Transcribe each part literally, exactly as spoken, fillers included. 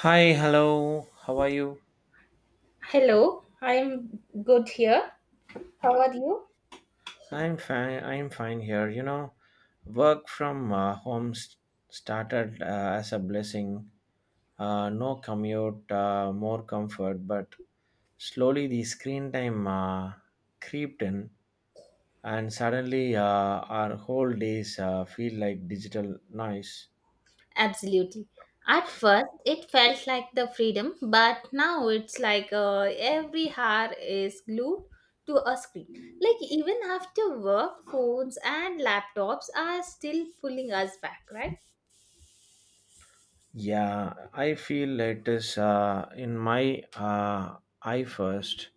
Hi, hello. How are you? Hello, I'm good here. How are you? I'm fine. I'm fine here. You know, work from uh, home s started uh, as a blessing. Uh, no commute, uh, more comfort, but slowly the screen time uh, creeped in, and suddenly uh, our whole days uh, feel like digital noise. Absolutely. At first, it felt like the freedom, but now it's like uh, every hour is glued to a screen. Like, even after work, phones and laptops are still pulling us back, right? Yeah, I feel it is uh, in my uh, eye first.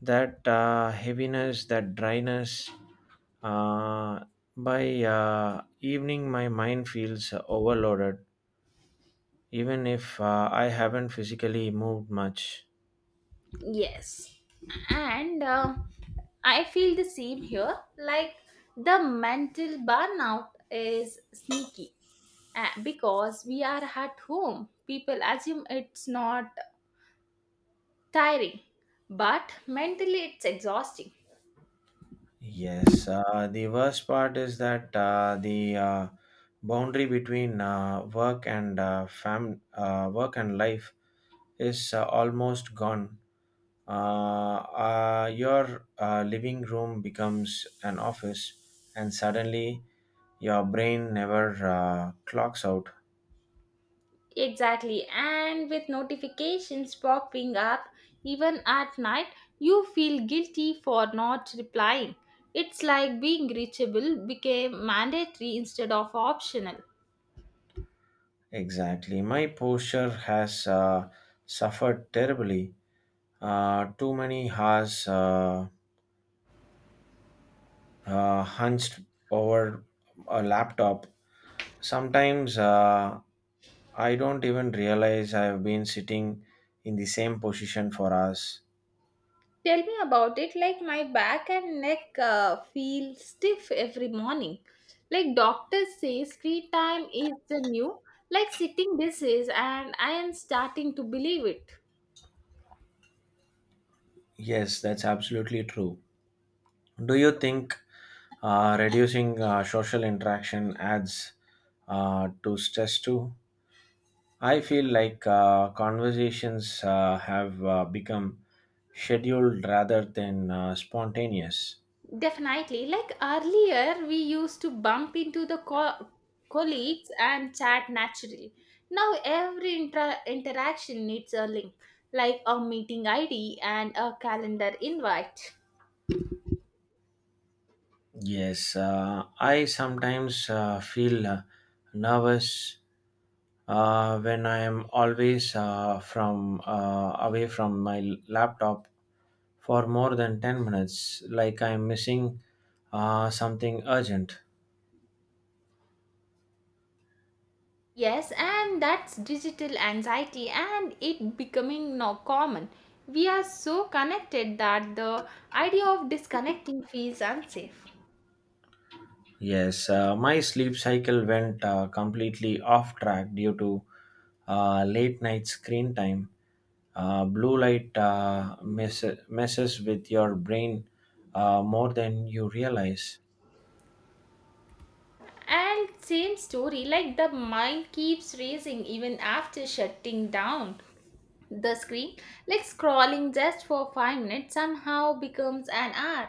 That uh, heaviness, that dryness. Uh, by uh, evening, my mind feels overloaded, even if uh, I haven't physically moved much. Yes. And um I feel the same here. Like, the mental burnout is sneaky. Uh, because we are at home, people assume it's not tiring, but mentally it's exhausting. Yes, uh, the worst part is that uh, the uh, boundary between uh, work and uh, fam- uh, work and life is uh, almost gone. Uh, uh, your uh, living room becomes an office, and suddenly your brain never uh, clocks out. Exactly, and with notifications popping up even at night, you feel guilty for not replying. It's like being reachable became mandatory instead of optional. Exactly. My posture has uh, suffered terribly. Uh, too many hours uh, uh, hunched over a laptop. Sometimes uh, I don't even realize I've been sitting in the same position for hours. Tell me about it. Like my back and neck uh, feel stiff every morning. Like doctors say screen time is the new like sitting disease and I am starting to believe it. Yes, that's absolutely true. Do you think uh, reducing uh, social interaction adds uh, to stress too? I feel like uh, conversations uh, have uh, become scheduled rather than uh, spontaneous. Definitely. Like earlier we used to bump into the co- colleagues and chat naturally. Now every inter- interaction needs a link like a meeting I D and a calendar invite. Yes, uh, I sometimes uh, feel uh, nervous Uh, when I am always uh, from uh, away from my l- laptop for more than ten minutes, like I am missing uh, something urgent. Yes, and that's digital anxiety and it becoming now common. We are so connected that the idea of disconnecting feels unsafe. Yes, uh, my sleep cycle went uh, completely off track due to uh, late night screen time. Uh, blue light uh, mess- messes with your brain uh, more than you realize. And same story, like the mind keeps racing even after shutting down the screen. Like scrolling just for five minutes somehow becomes an hour.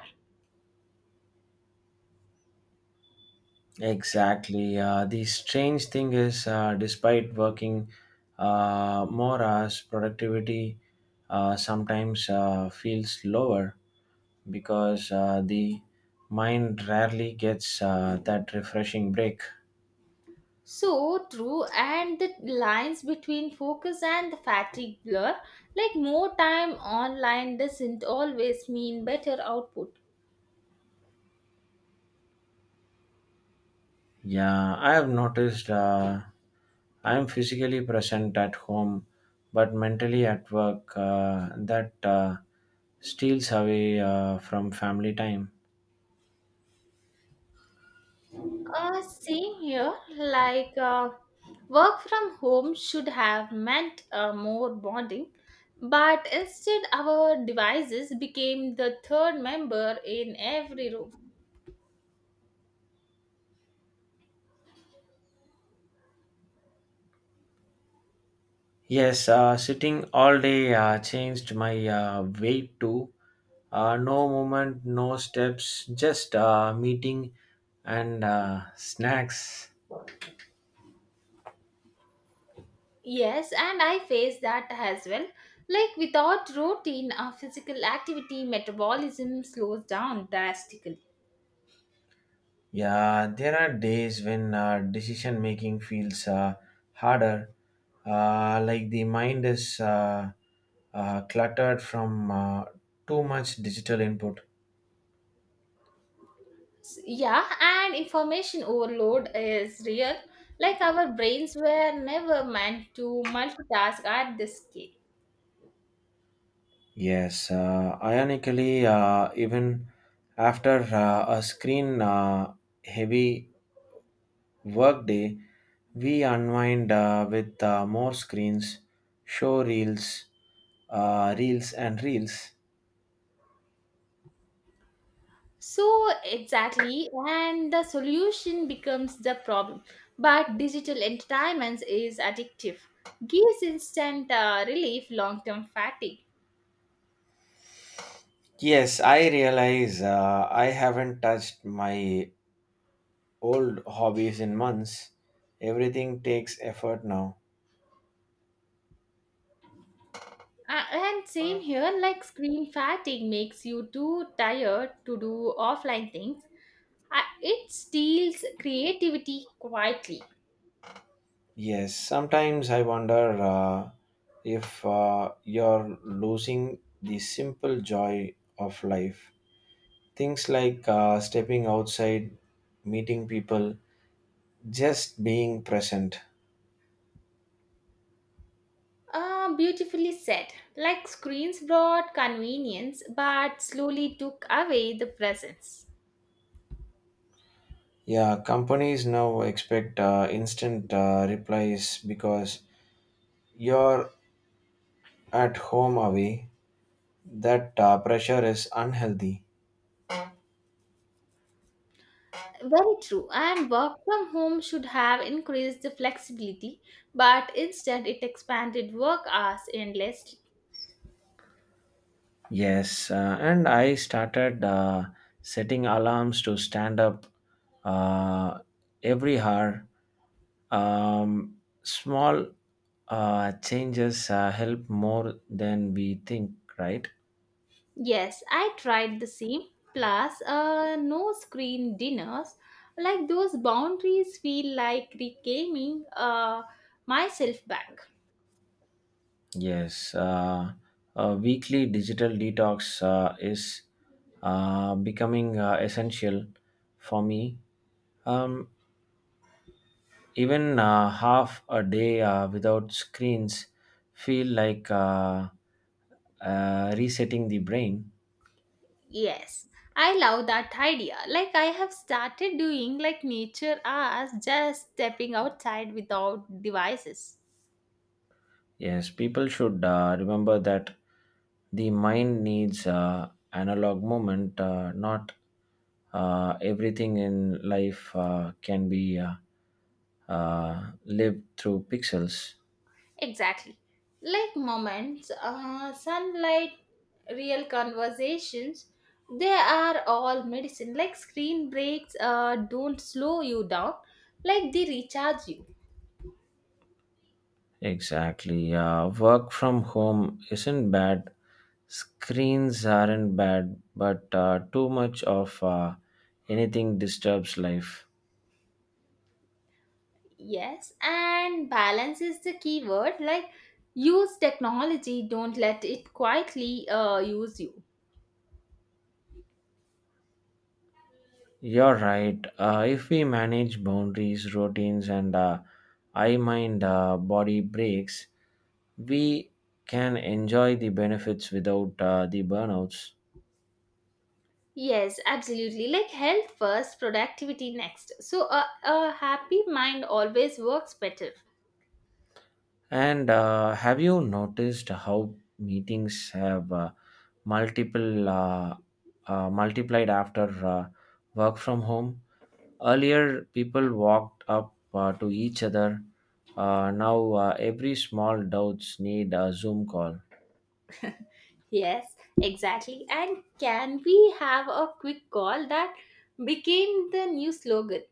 Exactly. Uh, the strange thing is, uh, despite working uh, more hours, productivity uh, sometimes uh, feels lower because uh, the mind rarely gets uh, that refreshing break. So true, and the lines between focus and the fatigue blur. Like more time online doesn't always mean better output. Yeah, I have noticed uh, I am physically present at home, but mentally at work, uh, that uh, steals away uh, from family time. Uh, same here, like uh, work from home should have meant uh, more bonding, but instead, our devices became the third member in every room. Yes, uh, sitting all day uh, changed my uh, weight too. Uh, no movement, no steps, just uh, meeting and uh, snacks. Yes, and I face that as well. Like without routine or physical activity, metabolism slows down drastically. Yeah, there are days when uh, decision making feels uh, harder, uh, like the mind is uh, uh, cluttered from uh, too much digital input. S- Yeah, and information overload is real. Like our brains were never meant to multitask at this scale. Yes, uh, ironically, uh, even after uh, a screen uh, heavy workday, we unwind uh, with uh, more screens, show reels, uh, reels and reels. So, exactly, and the solution becomes the problem. But digital entertainment is addictive, gives instant uh, relief, long term fatigue. Yes, I realize uh, I haven't touched my old hobbies in months. Everything takes effort now. Uh, and same here, like screen fatigue makes you too tired to do offline things. Uh, it steals creativity quietly. Yes, sometimes I wonder uh, if uh, you're losing the simple joy of life. Things like uh, stepping outside, meeting people, just being present. Uh, beautifully said. Like screens brought convenience but slowly took away the presence. Yeah, companies now expect uh, instant uh, replies because you're at home away. That uh, pressure is unhealthy. Very true. And work from home should have increased the flexibility, but instead it expanded work hours endlessly. Yes, uh, and I started uh, setting alarms to stand up uh, every hour. Um, Small uh, changes uh, help more than we think, right? Yes, I tried the same. Plus, uh, no screen dinners. Like those boundaries feel like reclaiming uh, myself back. Yes, uh, a weekly digital detox uh, is uh, becoming uh, essential for me. Um, Even uh, half a day uh, without screens feel like uh, uh, resetting the brain. Yes, I love that idea. Like I have started doing like nature as just stepping outside without devices. Yes, people should uh, remember that the mind needs uh, analog moment. Uh, not uh, everything in life uh, can be uh, uh, lived through pixels. Exactly. Like moments, uh, sunlight real conversations they are all medicine like screen breaks uh, don't slow you down like they recharge you. Exactly. Uh, work from home isn't bad. Screens aren't bad, but uh, too much of uh, anything disturbs life. Yes, and balance is the key word like use technology, don't let it quietly uh, use you. You're right. Uh, if we manage boundaries, routines, and uh, I mind uh, body breaks, we can enjoy the benefits without uh, the burnouts. Yes, absolutely, like health first, productivity next. So a, a happy mind always works better. And uh, have you noticed how meetings have uh, multiple uh, uh, multiplied after uh, work from home? Earlier, people walked up uh, to each other. Uh, now, uh, every small doubts need a Zoom call. Yes, exactly. And can we have a quick call that became the new slogan?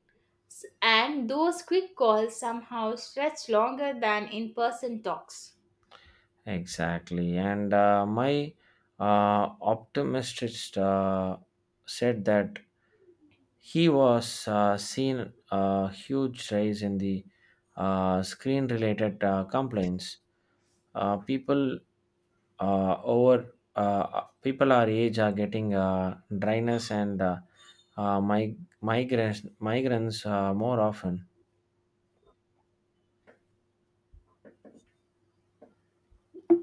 S- And those quick calls somehow stretch longer than in person talks. Exactly. And uh, my uh, optometrist uh, said that he was uh, seen a huge rise in the uh, screen related uh, complaints. Uh, people uh, over uh, people our age are getting uh, dryness and uh, uh, mig- migraines migraines uh, more often.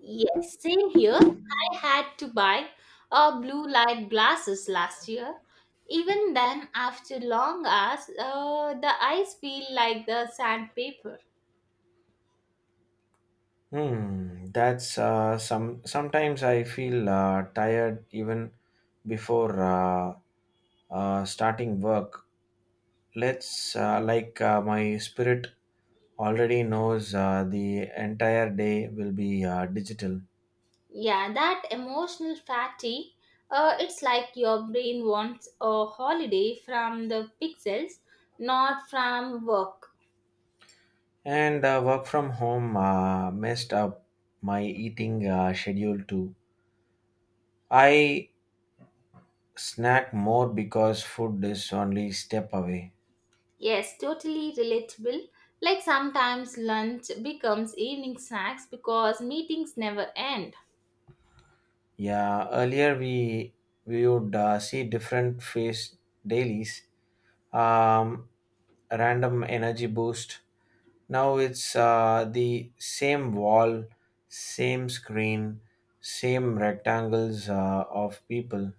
Yes, same here. I had to buy a blue light glasses last year. Even then, after long hours, uh, the eyes feel like the sandpaper. Hmm, that's uh, some. Sometimes I feel uh, tired even before uh, uh, starting work. Let's uh, like uh, my spirit already knows uh, the entire day will be uh, digital, Yeah, that emotional fatigue. Uh, it's like your brain wants a holiday from the pixels, not from work. and uh, work from home uh, messed up my eating uh, schedule too. I snack more because food is only step away. Yes, totally relatable. Like sometimes lunch becomes evening snacks because meetings never end. Yeah, earlier we we would uh, see different phase dailies, um, random energy boost. Now it's uh, the same wall, same screen, same rectangles uh, of people.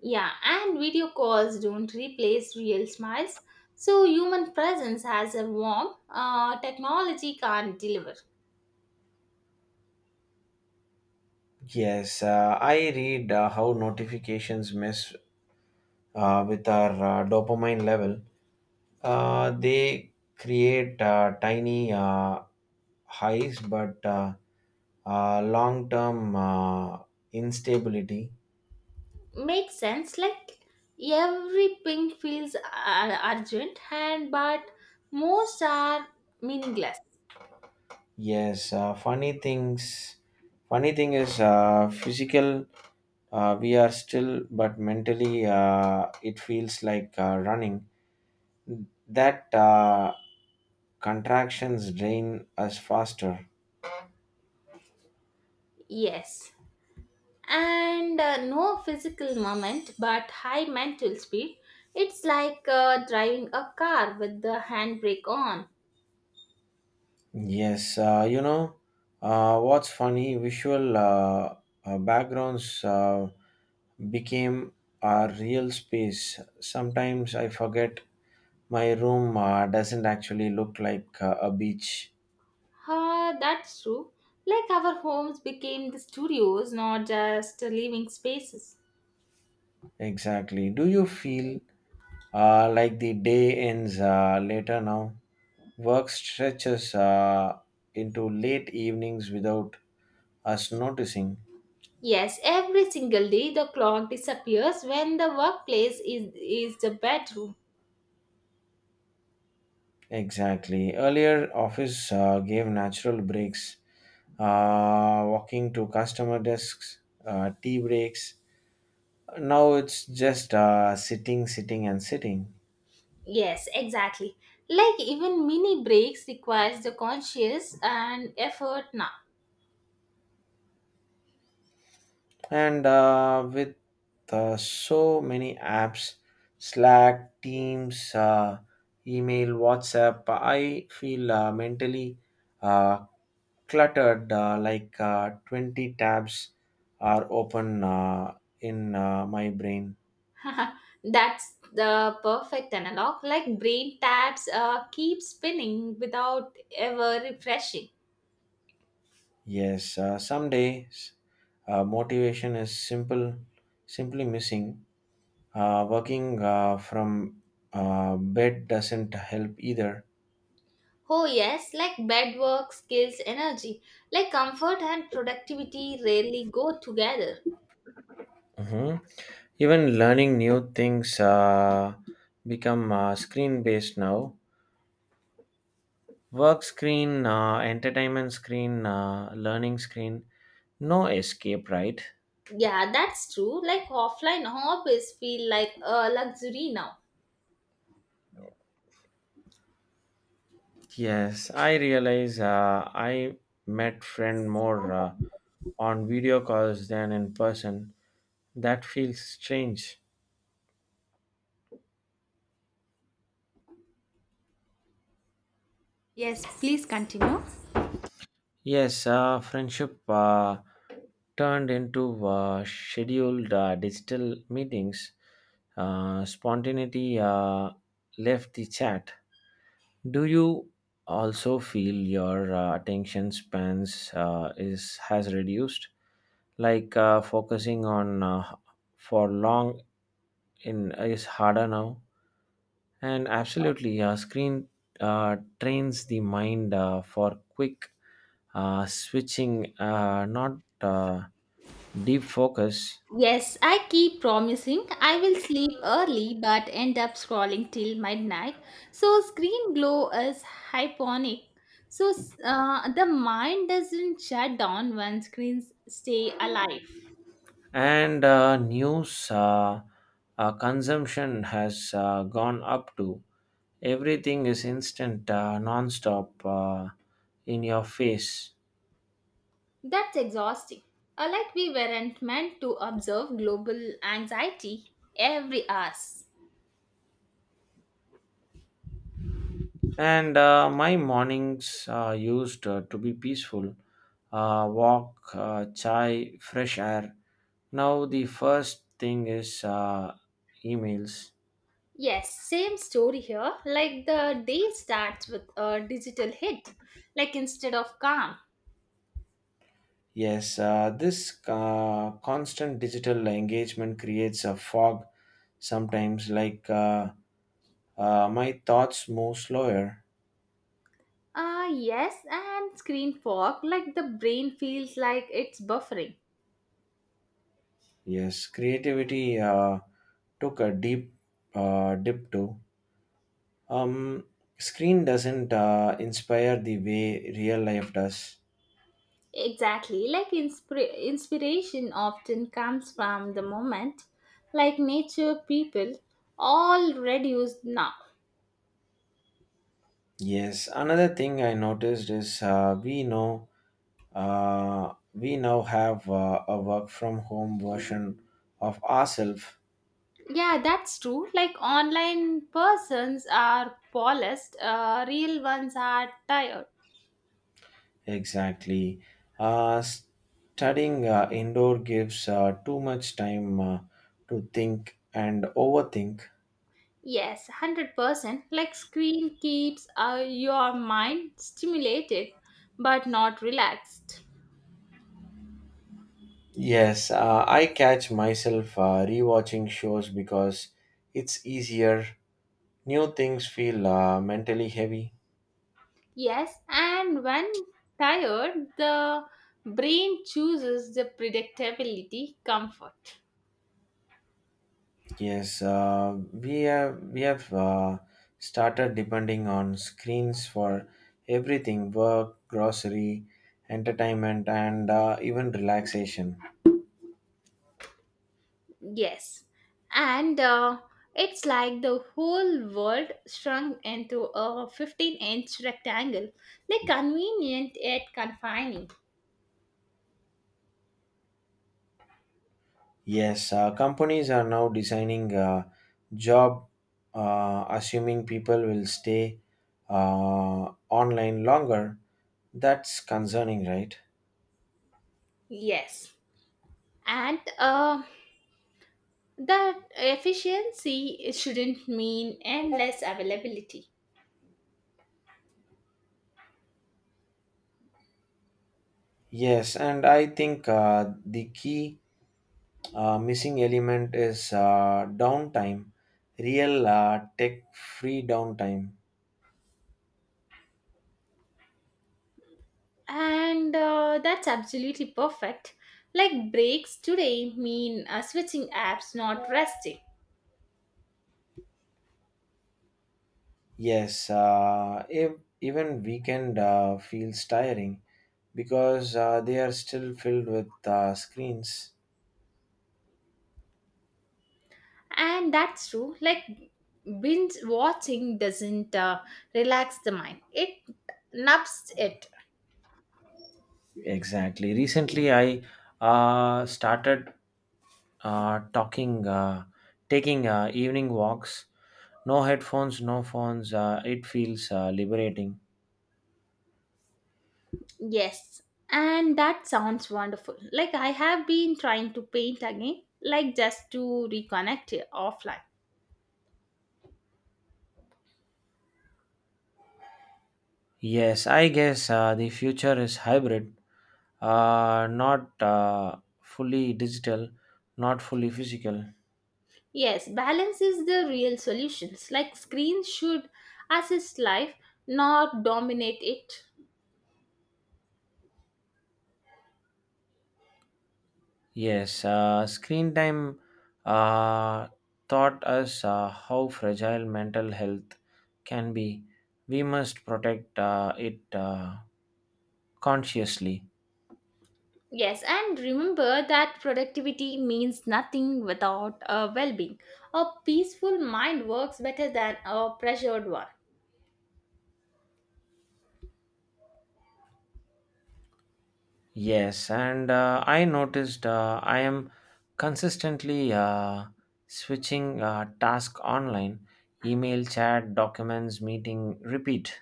Yeah, and video calls don't replace real smiles. So human presence has a warmth uh, technology can't deliver. Yes, uh, I read uh, how notifications mess uh, with our uh, dopamine level. Uh, they create uh, tiny uh, highs, but uh, uh, long-term uh, instability. Makes sense, like every ping feels uh, urgent, and but most are meaningless. Yes, uh, funny things. Funny thing is, uh, physical uh, we are still, but mentally uh, it feels like uh, running. That uh, contractions drain us faster. Yes, and uh, no physical moment but high mental speed, it's like uh, driving a car with the handbrake on. Yes, uh, you know, uh, what's funny, visual uh, uh, backgrounds uh, became a real space. Sometimes I forget my room uh, doesn't actually look like uh, a beach. Ah, that's true, like our homes became the studios, not just living spaces. Exactly. Do you feel uh, like the day ends uh, later now? Work stretches uh, into late evenings without us noticing. Yes, every single day the clock disappears when the workplace is, is the bedroom. Exactly. Earlier, office uh, gave natural breaks, uh, walking to customer desks, uh, tea breaks. Now it's just uh, sitting, sitting, and sitting. Yes, exactly. Like even mini breaks requires the conscious and effort now. And uh, with uh, so many apps, Slack, Teams, uh, email, WhatsApp, I feel uh, mentally uh, cluttered, uh, like uh, twenty tabs are open uh, in uh, my brain. That's the perfect analog. Like brain tabs uh, keep spinning without ever refreshing. Yes, uh, some days uh, motivation is simple, simply missing. Uh, working uh, from uh, bed doesn't help either. Oh yes, like bed work, skills, energy. Like comfort and productivity rarely go together. Mhm. Even learning new things uh, become uh, screen based now. Work screen, uh, entertainment screen, uh, learning screen. No escape, right? Yeah, that's true. Like offline hobbies feel like a luxury now. Yes, I realize uh, I met friend more uh, on video calls than in person. That feels strange. Yes, please continue. Yes, uh, friendship uh, turned into uh, scheduled uh, digital meetings. Uh, spontaneity uh, left the chat. Do you also feel your uh, attention spans uh, is has reduced? Like uh, focusing on uh, for long in is harder now. And absolutely, uh, screen uh, trains the mind uh, for quick uh, switching, uh, not uh, deep focus. Yes, I keep promising I will sleep early but end up scrolling till midnight. So, screen glow is hyponic. So, s- uh, the mind doesn't shut down when screens stay alive. And uh, news uh, uh, consumption has uh, gone up too. Everything is instant, uh, non-stop, uh, in your face. That's exhausting. Uh, like we weren't meant to observe global anxiety every hour. And uh, my mornings uh, used uh, to be peaceful uh, walk, uh, chai, fresh air. Now, the first thing is uh, emails. Yes, same story here. Like the day starts with a digital hit, like instead of calm. Yes, uh, this uh, constant digital engagement creates a fog sometimes, like uh, uh, my thoughts move slower. Ah, yes, and screen fog, like the brain feels like it's buffering. Yes, creativity uh, took a deep uh, dip too. Um, Screen doesn't uh, inspire the way real life does. Exactly, like inspira- inspiration often comes from the moment, like nature, people, all reduced now. Yes, another thing I noticed is uh, we know uh, we now have uh, a work from home version of ourselves. Yeah, that's true. Like online persons are polished, uh, real ones are tired. Exactly, uh, studying uh, indoor gives uh, too much time uh, to think and overthink. Yes, one hundred percent. Like screen keeps uh, your mind stimulated but not relaxed. Yes, uh, I catch myself uh, rewatching shows because it's easier. New things feel uh, mentally heavy. Yes, and when tired, the brain chooses the predictability comfort. Yes, uh, we have we have uh, started depending on screens for everything: work, grocery, entertainment, and uh, even relaxation. Yes, and uh, it's like the whole world shrunk into a fifteen inch rectangle, the convenient yet confining. Yes, uh, companies are now designing uh, job, uh, assuming people will stay uh, online longer. That's concerning, right? Yes, and uh, the efficiency shouldn't mean endless availability. Yes, and I think uh, the key Uh, missing element is uh, downtime, real uh, tech free downtime. And uh, that's absolutely perfect. Like breaks today mean uh, switching apps, not resting. Yes, uh, if, even weekend uh, feels tiring because uh, they are still filled with uh, screens. And that's true. Like binge watching doesn't uh, relax the mind, it nubs it. Exactly. Recently, I uh, started uh, talking, uh, taking uh, evening walks. No headphones, no phones. Uh, it feels uh, liberating. Yes. And that sounds wonderful. Like I have been trying to paint again, like just to reconnect it offline. Yes, I guess uh, the future is hybrid. Uh, not uh, fully digital, not fully physical. Yes, balance is the real solutions. Like screens should assist life, not dominate it. Yes, uh, screen time uh, taught us uh, how fragile mental health can be. We must protect uh, it uh, consciously. Yes, and remember that productivity means nothing without a well being. A peaceful mind works better than a pressured one. Yes, and uh, I noticed uh, I am consistently uh, switching uh, task online, email, chat, documents, meeting, repeat.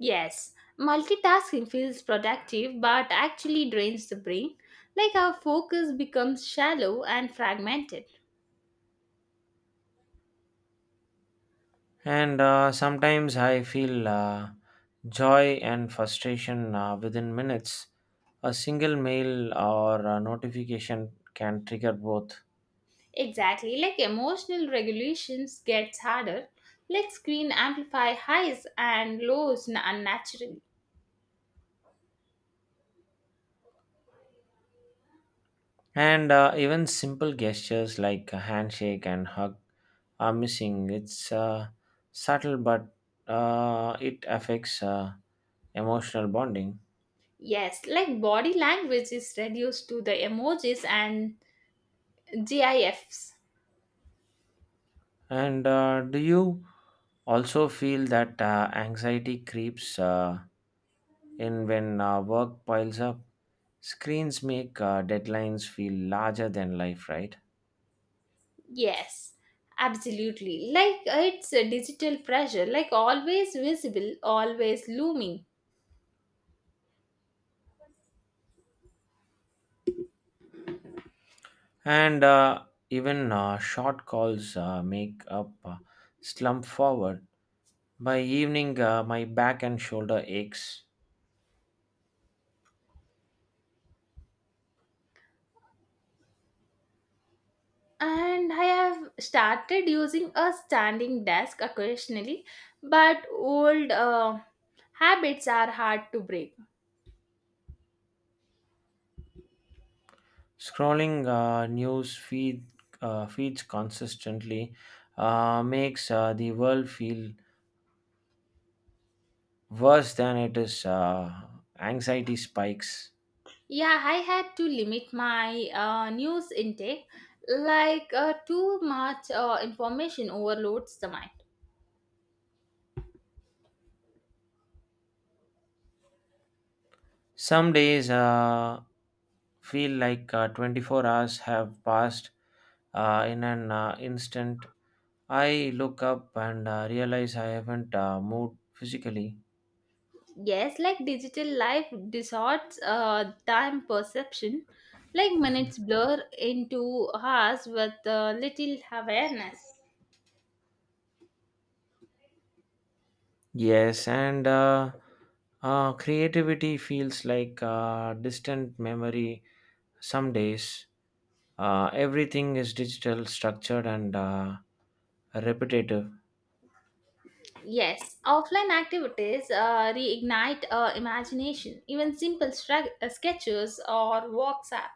Yes, multitasking feels productive but actually drains the brain. Like our focus becomes shallow and fragmented. And uh, sometimes I feel uh, joy and frustration uh, within minutes. A single mail or a notification can trigger both. Exactly, like emotional regulations gets harder. Like screen amplify highs and lows n- unnaturally. And uh, even simple gestures like a handshake and hug are missing. It's uh, subtle, but uh, it affects uh, emotional bonding. Yes, like body language is reduced to the emojis and GIFs. And uh, do you also feel that uh, anxiety creeps? Uh, And when uh, work piles up, screens make uh, deadlines feel larger than life, right? Yes, absolutely. Like uh, it's a digital pressure, like always visible, always looming. And uh, even uh, short calls uh, make up uh, slump forward. By evening, uh, my back and shoulder aches. And I have started using a standing desk occasionally, but old uh, habits are hard to break. Scrolling uh, news feed uh, feeds consistently uh, makes uh, the world feel worse than it is. Uh, anxiety spikes. Yeah, I had to limit my uh, news intake, like uh, too much uh, information overloads the mind. Some days uh, feel like uh, twenty-four hours have passed uh, in an uh, instant. I look up and uh, realize I haven't uh, moved physically. Yes, like digital life distorts uh, time perception, like minutes blur into hours with uh, little awareness. Yes, and uh, uh, creativity feels like uh, distant memory. Some days uh, everything is digital, structured, and uh, repetitive. Yes, offline activities uh, reignite uh, imagination. Even simple stra- uh, sketches or walks, app,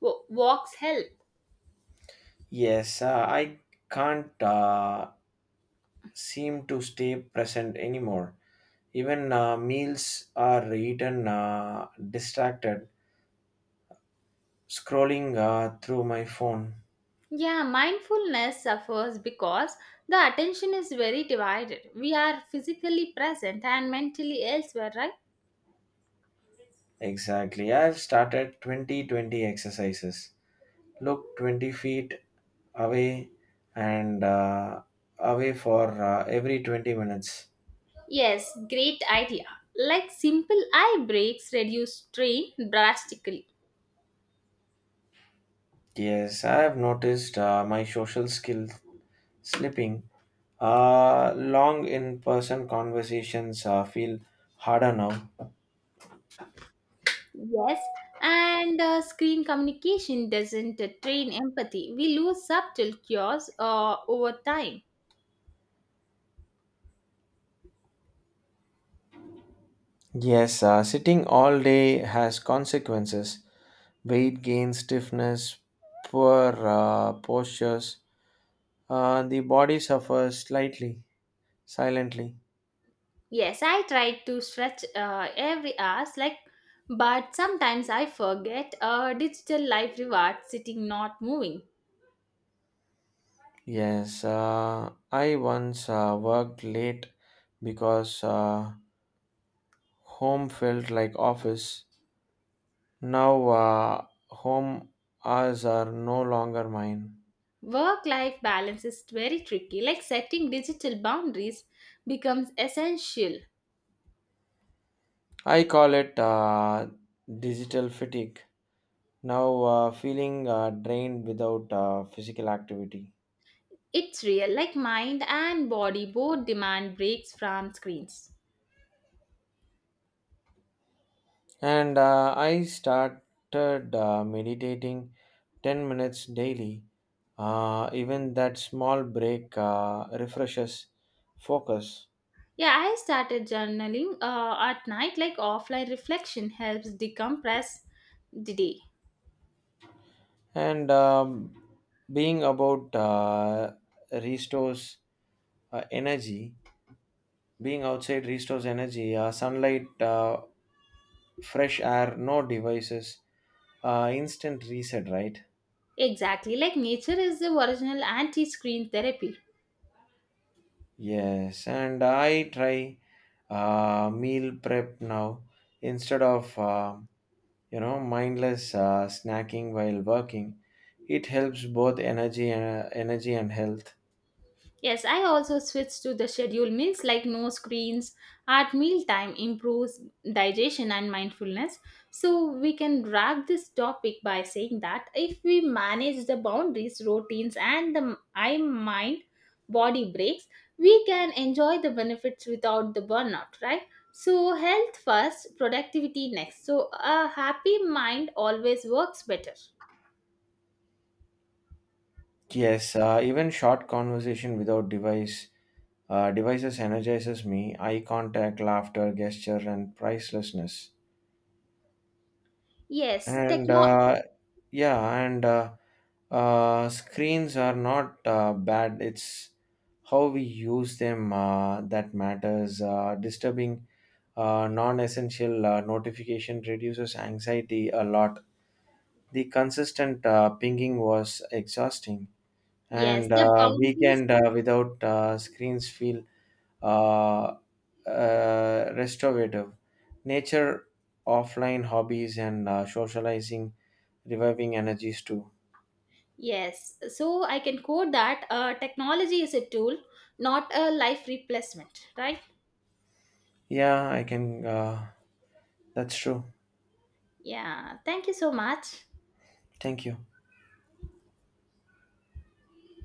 wa- walks help. Yes, uh, I can't uh, seem to stay present anymore. Even uh, meals are eaten uh, distracted, scrolling uh, through my phone. Yeah, mindfulness suffers because the attention is very divided. We are physically present and mentally elsewhere, right? Exactly. I've started twenty twenty exercises. Look twenty feet away and uh, away for uh, every twenty minutes. Yes, great idea. Like simple eye breaks reduce strain drastically. Yes, I have noticed uh, my social skill slipping. Uh, long in person conversations uh, feel harder now. Yes, and uh, screen communication doesn't uh, train empathy. We lose subtle cures uh, over time. Yes, uh, sitting all day has consequences. Weight gain, stiffness, poor uh, postures. Uh, the body suffers slightly, silently. Yes, I try to stretch uh, every hour, like, but sometimes I forget. Uh, digital life rewards sitting, not moving. Yes, uh, I once uh, worked late because uh, home felt like office. Now, uh, home hours are no longer mine. Work-life balance is very tricky. Like setting digital boundaries becomes essential. I call it uh, digital fatigue. Now, uh, feeling uh, drained without uh, physical activity. It's real, like mind and body both demand breaks from screens. And uh, I started uh, meditating ten minutes daily. Uh, even that small break uh, refreshes focus. Yeah, I started journaling uh, at night, like offline reflection helps decompress the day. And um, being about uh, restores uh, energy, being outside restores energy, uh, sunlight, uh, fresh air, no devices, uh, instant reset, right? Exactly, like nature is the original anti screen therapy. Yes, and I try uh, meal prep now instead of uh, you know mindless uh, snacking while working. It helps both energy and energy and health. Yes, I also switch to the schedule meals like no screens at mealtime improves digestion and mindfulness. So we can wrap this topic by saying that if we manage the boundaries, routines, and the eye mind body breaks, we can enjoy the benefits without the burnout, right? So health first, productivity next. So a happy mind always works better. Yes, uh, even short conversation without device uh, devices energizes me. Eye contact, laughter, gesture, and pricelessness. Yes, And techno. uh, yeah and uh, uh, screens are not uh, bad. It's how we use them uh, that matters. Uh, disturbing uh, non-essential uh, notification reduces anxiety a lot. The consistent uh, pinging was exhausting, Yes, and the uh, boundaries. weekend uh, without uh, screens feel uh, uh, restorative. Nature, offline hobbies, and uh, socializing, reviving energies too. Yes, so I can quote that uh, technology is a tool, not a life replacement, right? Yeah, I can. Uh, that's true. Yeah, thank you so much. Thank you.